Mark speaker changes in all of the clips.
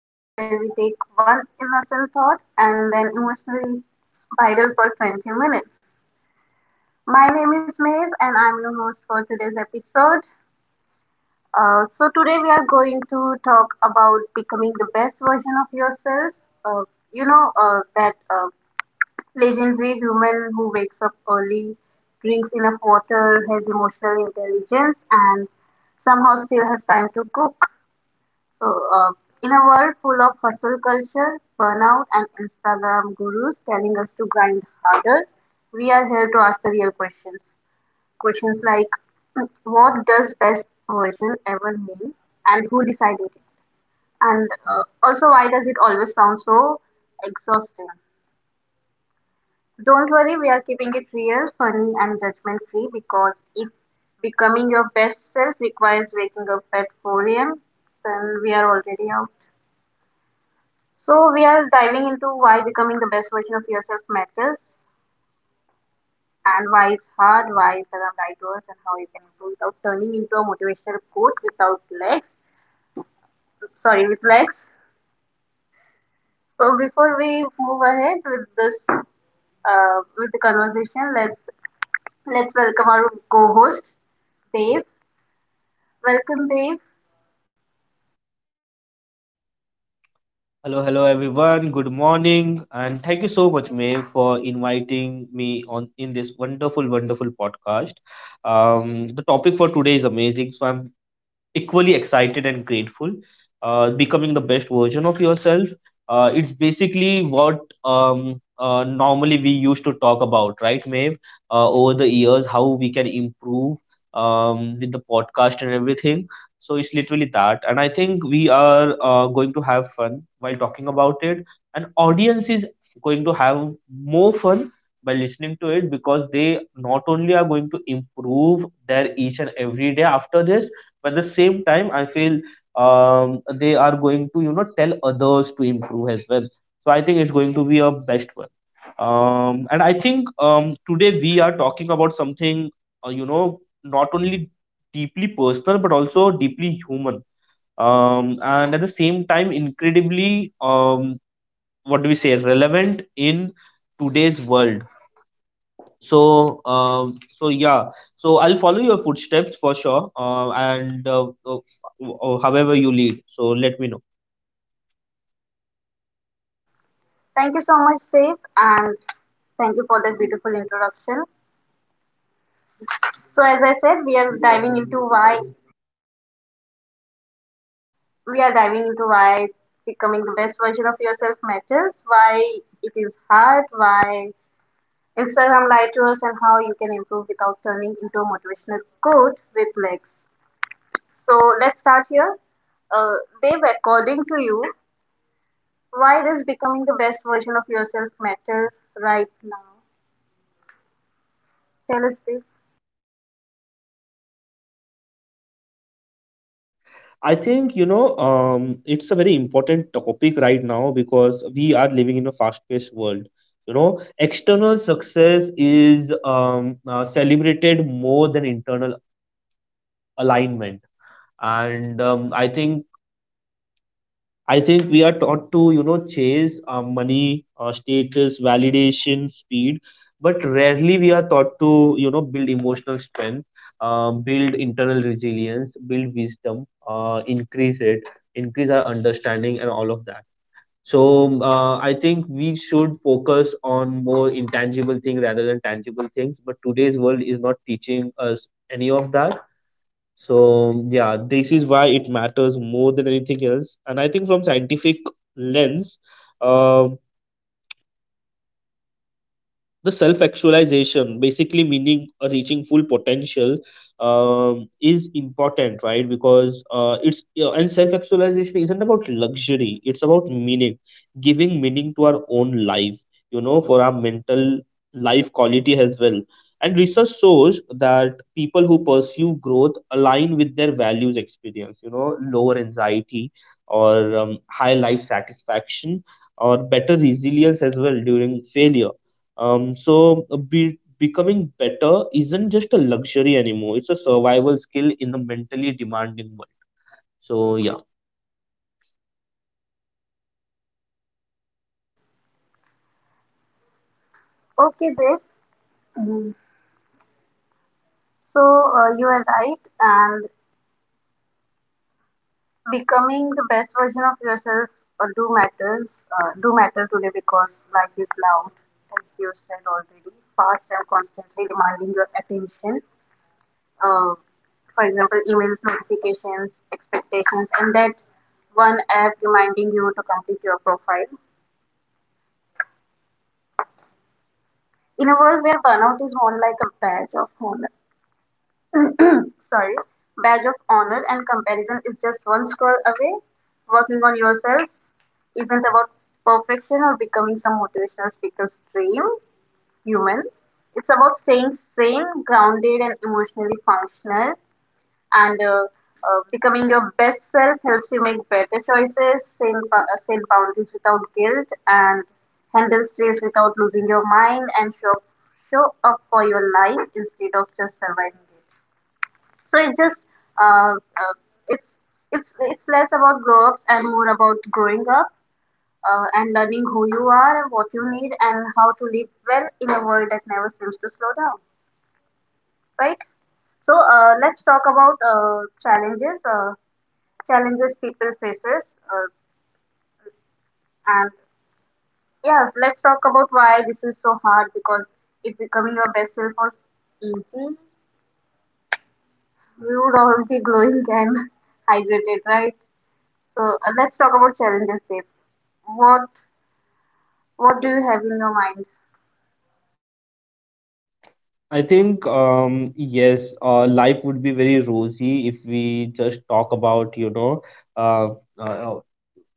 Speaker 1: the podcast where we take one innocent thought and then emotionally viral for 20 minutes. My name is Maeve, and I'm your host for today's episode. Today we are going to talk about becoming the best version of yourself. Uh, you know, that Legendary human who wakes up early, drinks enough water, has emotional intelligence, and somehow still has time to cook. So, uh, in a world full of hustle culture, burnout, and Instagram gurus telling us to grind harder, we are here to ask the real questions. Questions like, what does best version ever mean, and who decided it? And also, why does it always sound so exhausting? Don't worry, we are keeping it real, funny, and judgment free because if becoming your best self requires waking up at 4 a.m., then we are already out. So, we are diving into why becoming the best version of yourself matters and why it's hard, why it's alive to us, and how you can improve without turning into a motivational quote without legs. Sorry, with legs. So, before we move ahead with with the conversation, let's welcome our co-host Dave. Welcome, Dave.
Speaker 2: Hello, hello everyone. Good morning, and thank you so much, May, for inviting me on in this wonderful, wonderful podcast. The topic for today is amazing, so I'm equally excited and grateful, becoming the best version of yourself. It's basically what normally we used to talk about, right, Maeve? Over the years, how we can improve with the podcast and everything, so it's literally that. And I think we are going to have fun while talking about it, and audience is going to have more fun by listening to it, because they not only are going to improve their each and every day after this, but at the same time I feel, um, they are going to tell others to improve as well, so I think it's going to be a best one. And I think, today we are talking about something, uh, you know not only deeply personal but also deeply human, and at the same time incredibly, um, what do we say, relevant in today's world. So, uh, so yeah. So I'll follow your footsteps for sure. And however you lead, so let me know.
Speaker 1: Thank you so much, Dave, and thank you for that beautiful introduction. So, as I said, we are diving into why becoming the best version of yourself matters, why it is hard, why Instagram lied to us, and how you can improve without turning into a motivational quote with legs. So let's start here. Dave, according to you, why does becoming the best version of yourself matter right now? Tell us, Dave.
Speaker 2: I think, it's a very important topic right now because we are living in a fast-paced world. You know, external success is celebrated more than internal alignment, and I think, we are taught to, you know, chase money, status, validation, speed, but rarely we are taught to, you know, build emotional strength, build internal resilience, build wisdom, increase it, increase our understanding, and all of that. So, I think we should focus on more intangible things rather than tangible things. But today's world is not teaching us any of that, so yeah, this is why it matters more than anything else. And I think, from scientific lens, um the self actualization, basically meaning reaching full potential, is important, right? Because it's, you know, and self actualization isn't about luxury, it's about meaning, giving meaning to our own life, you know, for our mental life quality as well. And research shows that people who pursue growth align with their values experience, you know, lower anxiety, or high life satisfaction, or better resilience as well during failure. So becoming better isn't just a luxury anymore. It's a survival skill in a mentally demanding world. So yeah.
Speaker 1: Okay, Dave. Mhm. So you are right, and becoming the best version of yourself uh, do matters do matter today because life is loud, as you said already, fast and constantly demanding your attention. Uh, for example, emails, notifications, expectations, and that one app reminding you to complete your profile. In a world where burnout is more like a badge of honor sorry badge of honor and comparison is just one scroll away, working on yourself isn't about perfection or becoming some motivational speaker's dream human. It's about staying sane, grounded, and emotionally functional. And becoming your best self helps you make better choices, set boundaries without guilt, and handle stress without losing your mind, and show up for your life instead of just surviving it. So it just uh, uh, it's it's less about grow ups and more about growing up, and learning who you are, what you need, and how to live well in a world that never seems to slow down, right? So let's talk about challenges, challenges people faces, uh, and yes, let's talk about why this is so hard because if becoming your best self was easy, we would all be glowing and hydrated, right? So let's talk about challenges, Dave. What what do you have in your mind?
Speaker 2: I think, yes, life would be very rosy if we just talk about, you know, uh, uh, uh,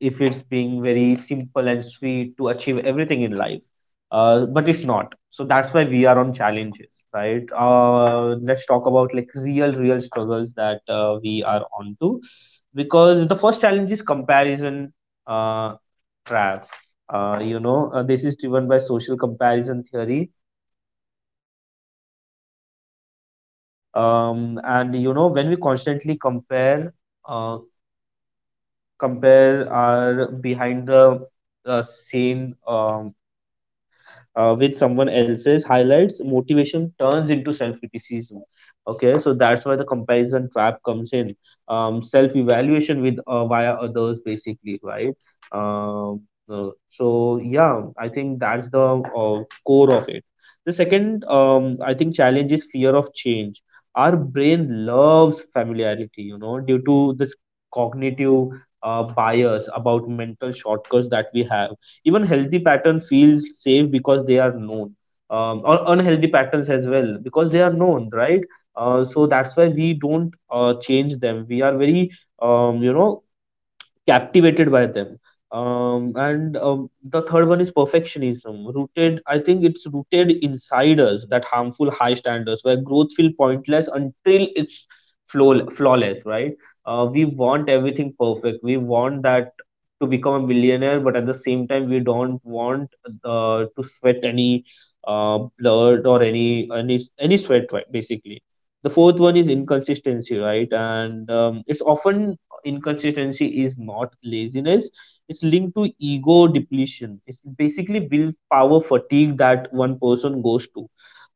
Speaker 2: if it's being very simple and sweet to achieve everything in life. But it's not. So that's why we are on challenges, right? Let's talk about, like, real, real struggles that we are onto, because the first challenge is comparison uh, trap. This is driven by social comparison theory, and you know when we constantly compare, uh, compare our behind the scene with someone else's highlights, motivation turns into self criticism. Okay, so that's why the comparison trap comes in. Self evaluation with, via others, basically, right? Um, so yeah, I think that's the core of it. The second, I think, challenge is fear of change. Our brain loves familiarity, you know, due to this cognitive bias about mental shortcuts that we have. Even healthy pattern feels safe because they are known, or unhealthy patterns as well because they are known, right? So that's why we don't change them. We are very, um, you know, captivated by them. And the third one is perfectionism. Rooted, I think it's rooted inside us, that harmful high standards where growth feel pointless until it's flawless, right? We want everything perfect. We want that to become a millionaire, but at the same time, we don't want to sweat any blood, or any sweat, right? Basically, the fourth one is inconsistency, right? And, it's often, inconsistency is not laziness, it's linked to ego depletion. It's basically willpower fatigue that one person goes to.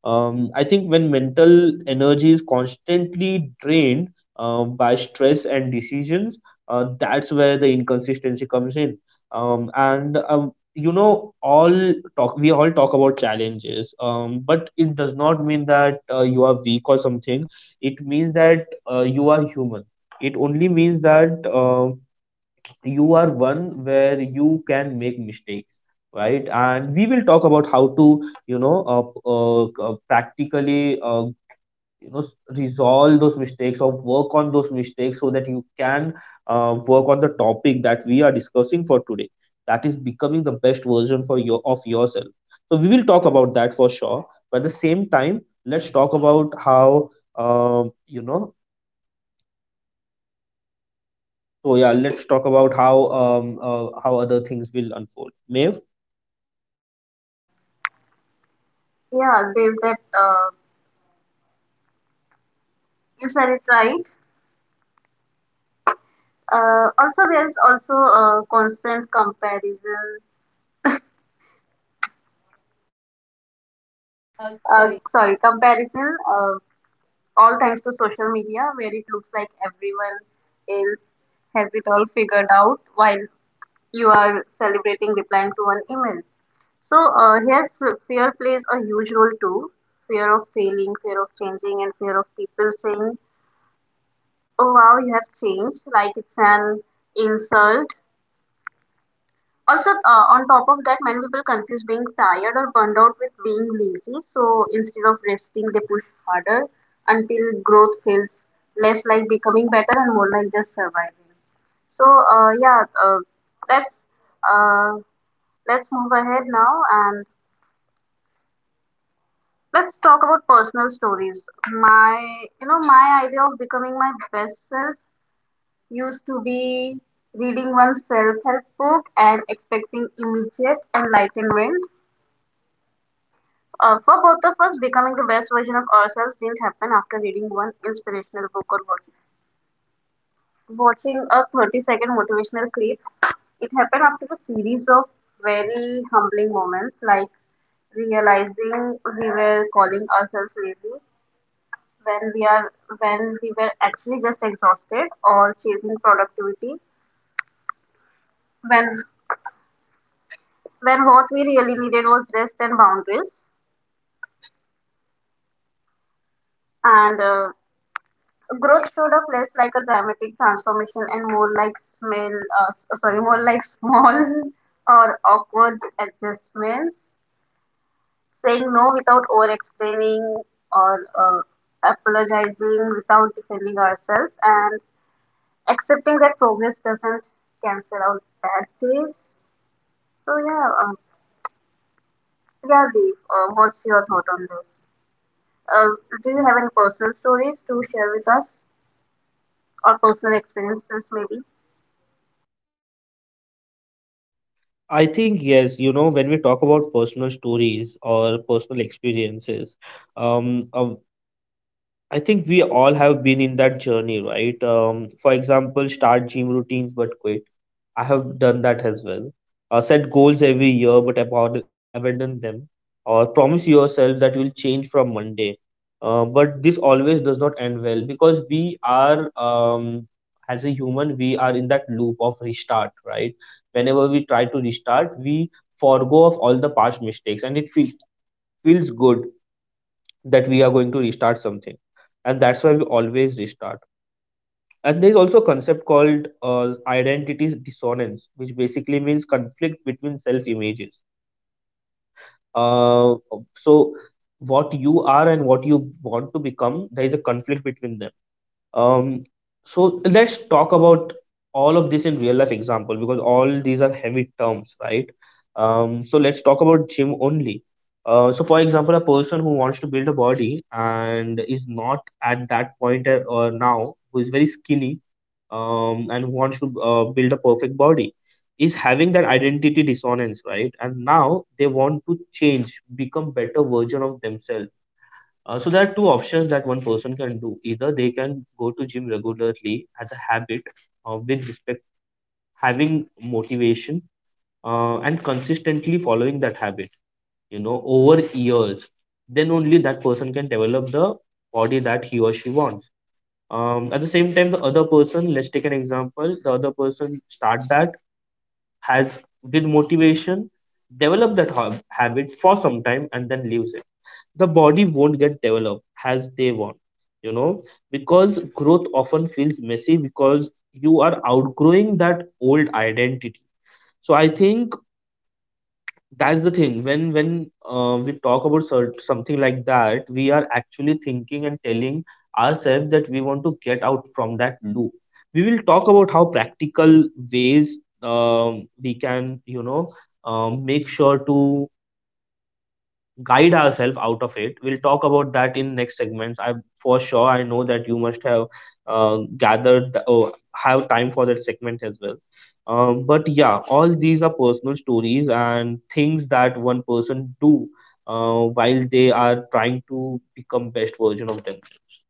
Speaker 2: I think when mental energy is constantly drained by stress and decisions, that's where the inconsistency comes in. And You know, all talk we all talk about challenges, but it does not mean that you are weak or something. It means that you are human. It only means that you are one where you can make mistakes, right? And we will talk about how to, you know, practically, you know resolve those mistakes or work on those mistakes, so that you can work on the topic that we are discussing for today, that is becoming the best version for your of yourself. So we will talk about that for sure. But at the same time, let's talk about how, um, you know so yeah, let's talk about how, how other things will unfold, Maeve?
Speaker 1: Yeah, Dave, that you said it right. Also, there's also a constant comparison. All thanks to social media, where it looks like everyone else has it all figured out, while you are celebrating replying to one email. So here, fear plays a huge role too. Fear of failing, fear of changing, and fear of people saying, "Oh wow, you have changed!" Like it's an insult. Also, on top of that, many people confuse being tired or burned out with being lazy. So instead of resting, they push harder until growth feels less like becoming better and more like just surviving. So let's uh, let's move ahead now and let's talk about personal stories. My, you know, my idea of becoming my best self used to be reading one self help book and expecting immediate enlightenment. For both of us, becoming the best version of ourselves didn't happen after reading one inspirational book or watching a 30-second motivational clip. It happened after a series of very humbling moments, like realizing we were calling ourselves lazy when we are when we were actually just exhausted, or chasing productivity when when what we really needed was rest and boundaries. And growth showed up less like a dramatic transformation and more like small or awkward adjustments. Saying no without over explaining, or apologizing without defending ourselves, and accepting that progress doesn't cancel out bad days. So yeah, Deep, what's your thought on this? Uh, do you have any personal stories to share with us, or personal experiences maybe?
Speaker 2: I think, yes, you know, when we talk about personal stories or personal experiences, um, uh, I think we all have been in that journey, right? For example, start gym routines but quit. I have done that as well. Set goals every year but abandon them. Or promise yourself that will change from Monday. But this always does not end well, because we are, as a human, we are in that loop of restart, right? Whenever we try to restart, we forgo of all the past mistakes, and it feels good that we are going to restart something, and that's why we always restart. And there's also a concept called identity dissonance, which basically means conflict between self images. Uh, so what you are and what you want to become, there is a conflict between them. Um, so let's talk about all of this in real life example, because all these are heavy terms, right? So let's talk about gym only. So for example, a person who wants to build a body and is not at that point, or now, who is very skinny, and who wants to build a perfect body, is having that identity dissonance, right? And now they want to change, become better version of themselves. So there are two options that one person can do. Either they can go to gym regularly as a habit, with respect, having motivation, and consistently following that habit. You know, over years, then only that person can develop the body that he or she wants. At the same time, the other person, let's take an example, the other person start that has with motivation, develop that habit for some time, and then leaves it. The body won't get developed as they want, you know, because growth often feels messy because you are outgrowing that old identity. So I think that's the thing. When we talk about something like that, we are actually thinking and telling ourselves that we want to get out from that loop. We will talk about how practical ways, we can, you know, make sure to guide ourselves out of it. We'll talk about that in next segments. I, for sure, I know that you must have gathered the, oh, have time for that segment as well. But yeah, all these are personal stories and things that one person do while they are trying to become best version of themselves.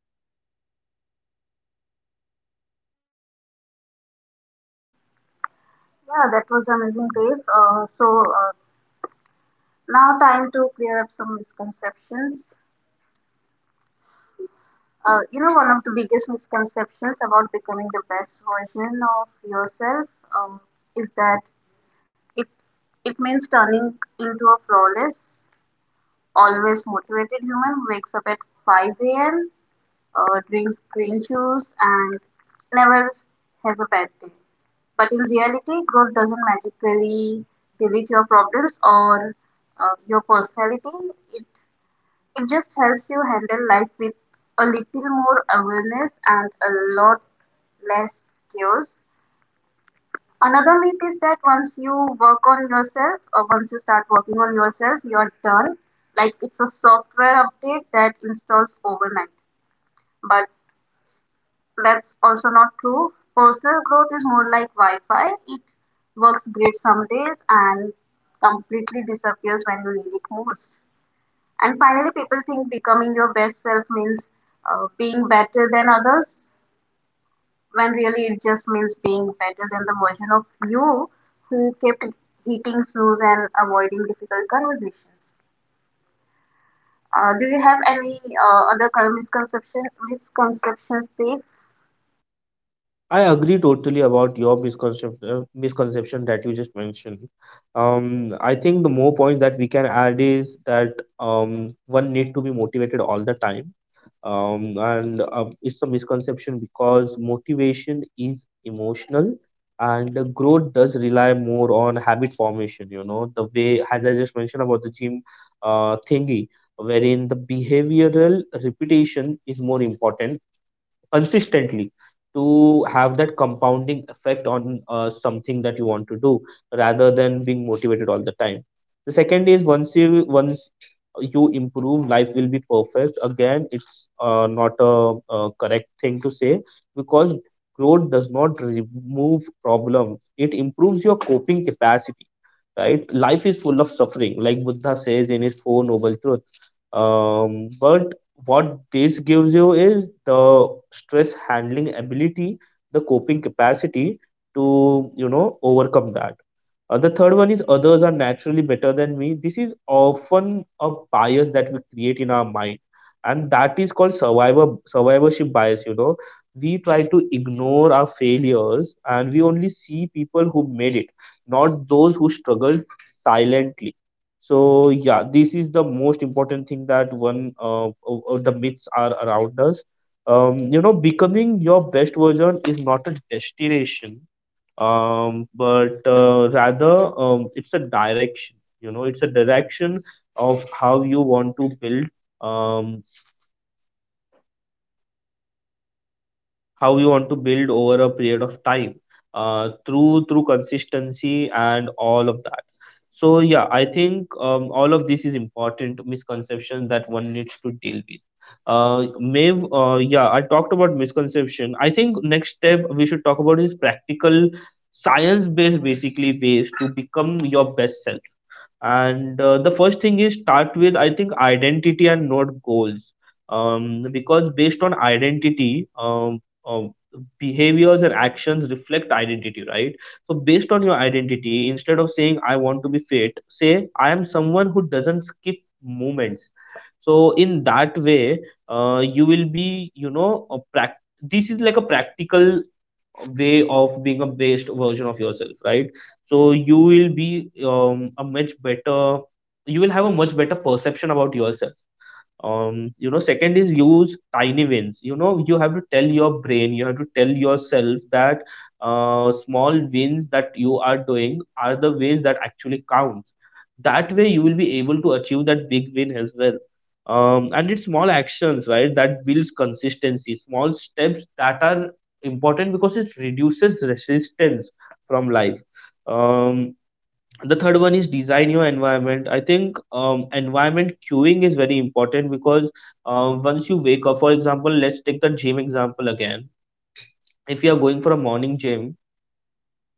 Speaker 1: Yeah, that was amazing, Dave. Now time to clear up some misconceptions. You know, one of the biggest misconceptions about becoming the best version of yourself um, is that it it means turning into a flawless, always motivated human who wakes up at 5 a.m., drinks green juice, and never has a bad day. But in reality, growth doesn't magically delete your problems or your personality. It just helps you handle life with a little more awareness and a lot less chaos. Another myth is that once you work on yourself, or once you start working on yourself, you're done. Like it's a software update that installs overnight. But That's also not true. Personal growth is more like Wi-Fi. It works great some days and completely disappears when you need it most. And finally, people think becoming your best self means being better than others, when really it just means being better than the version of you who kept hitting snooze and avoiding difficult conversations. Do you have any other kind of misconception Misconceptions, Steve?
Speaker 2: I agree totally about your misconception, misconception that you just mentioned. I think the more points that we can add is that, one need to be motivated all the time. And It's a misconception because motivation is emotional and the growth does rely more on habit formation, you know, the way, as I just mentioned about the gym thingy, wherein the behavioral repetition is more important consistently to have that compounding effect on something that you want to do rather than being motivated all the time. The second is, once you improve, life will be perfect again. It's not a, correct thing to say, because growth does not remove problems, it improves your coping capacity, right? Life is full of suffering, like Buddha says in his four noble truths. um, but what this gives you is the stress handling ability, the coping capacity to, you know, overcome that. The third one is others are naturally better than me. This is often a bias that we create in our mind, and that is called survivorship bias, you know. We try to ignore our failures and we only see people who made it, not those who struggled silently. So yeah, this is the most important thing that one of the myths are around us. You know, becoming your best version is not a destination, but rather it's a direction. You know, it's a direction of how you want to build. Um, how you want to build over a period of time through consistency and all of that. So yeah, I think all of this is important misconception that one needs to deal with. Maeve, yeah, I talked about misconception. I think next step we should talk about is practical, science based, basically, ways to become your best self. And the first thing is start with, I think, identity and not goals, because based on identity, uh, behaviors and actions reflect identity, right? So, based on your identity, instead of saying, I want to be fit, say, I am someone who doesn't skip moments. So, in that way, you will be, you know, a this is like a practical way of being a best version of yourself, right? So, you will be a much better, you will have a much better perception about yourself. You know, second is use tiny wins. You know, you have to tell your brain, you have to tell yourself that small wins that you are doing are the wins that actually counts. That way you will be able to achieve that big win as well. Um, and it's small actions, right, that builds consistency, small steps that are important because it reduces resistance from life. um, the third one is design your environment. I think environment queuing is very important because once you wake up, for example, let's take the gym example again. If you are going for a morning gym,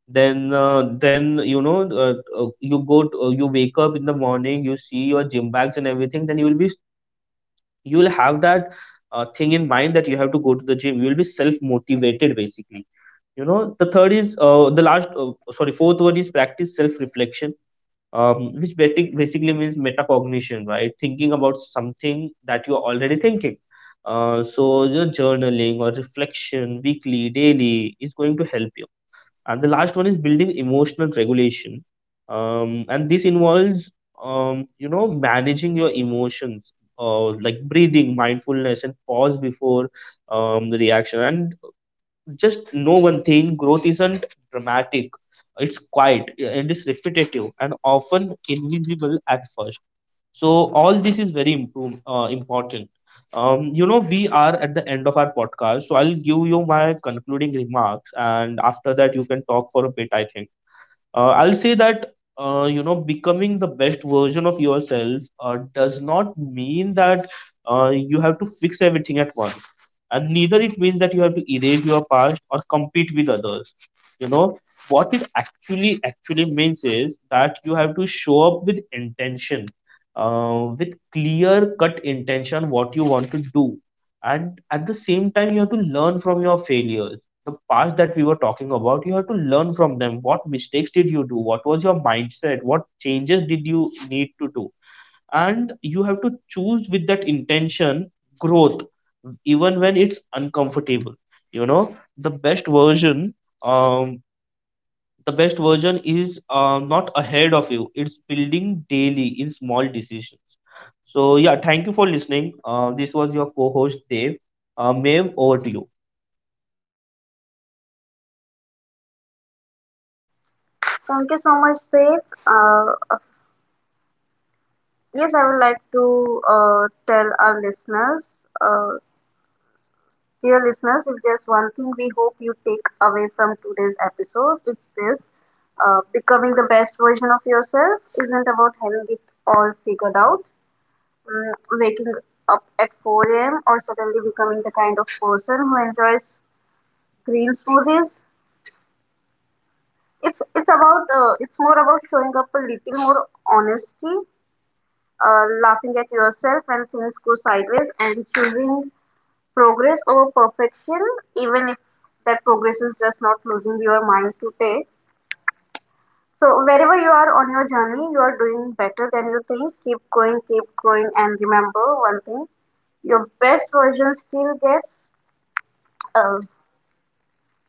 Speaker 2: then you know you go to, you wake up in the morning, you see your gym bags and everything, then you will be, you will have that thing in mind that you have to go to the gym. You will be self motivated, basically. You know, the third is the last sorry, fourth one is practice self reflection, which basically means metacognition, right, thinking about something that you are already thinking. So, you know, journaling or reflection weekly, daily is going to help you. And the last one is building emotional regulation. And this involves, you know, managing your emotions, like breathing, mindfulness, and pause before the reaction. And just know one thing, growth isn't dramatic, it's quiet and it's repetitive and often invisible at first. So all this is very important. Um, you know, we are at the end of our podcast, so I'll give you my concluding remarks and after that you can talk for a bit, I think. I'll say that, you know, becoming the best version of yourself does not mean that you have to fix everything at once, and neither it means that you have to erase your past or compete with others, you know. What it actually means is that you have to show up with intention, with clear cut intention, what you want to do. And at the same time you have to learn from your failures, the past that we were talking about. You have to learn from them, what mistakes did you do, what was your mindset, what changes did you need to do. And you have to choose with that intention, growth, even when it's uncomfortable, you know. The best version, um the best version is not ahead of you, it's building daily in small decisions. So yeah, thank you for listening. This was your co-host Dave. Maeve, over to you.
Speaker 1: Thank you so much, Steve. Yes, I would like to tell our listeners, uh, dear listeners, if there's one thing we hope you take away from today's episode, it's this. Becoming the best version of yourself isn't about having it all figured out, mm, waking up at 4 a.m., or suddenly becoming the kind of person who enjoys green smoothies. It's more about showing up a little more honesty, laughing at yourself when things go sideways, and choosing progress over perfection, even if that progress is just not losing your mind to take. So, wherever you are on your journey, you are doing better than you think. Keep going, and remember one thing, your best version still gets. Uh,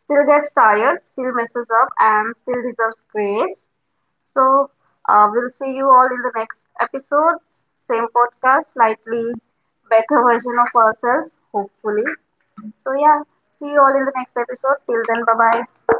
Speaker 1: Still gets tired, still messes up, and still deserves grace. So, we'll see you all in the next episode. Same podcast, slightly better version of ourselves, hopefully. So, yeah, see you all in the next episode. Till then, bye bye.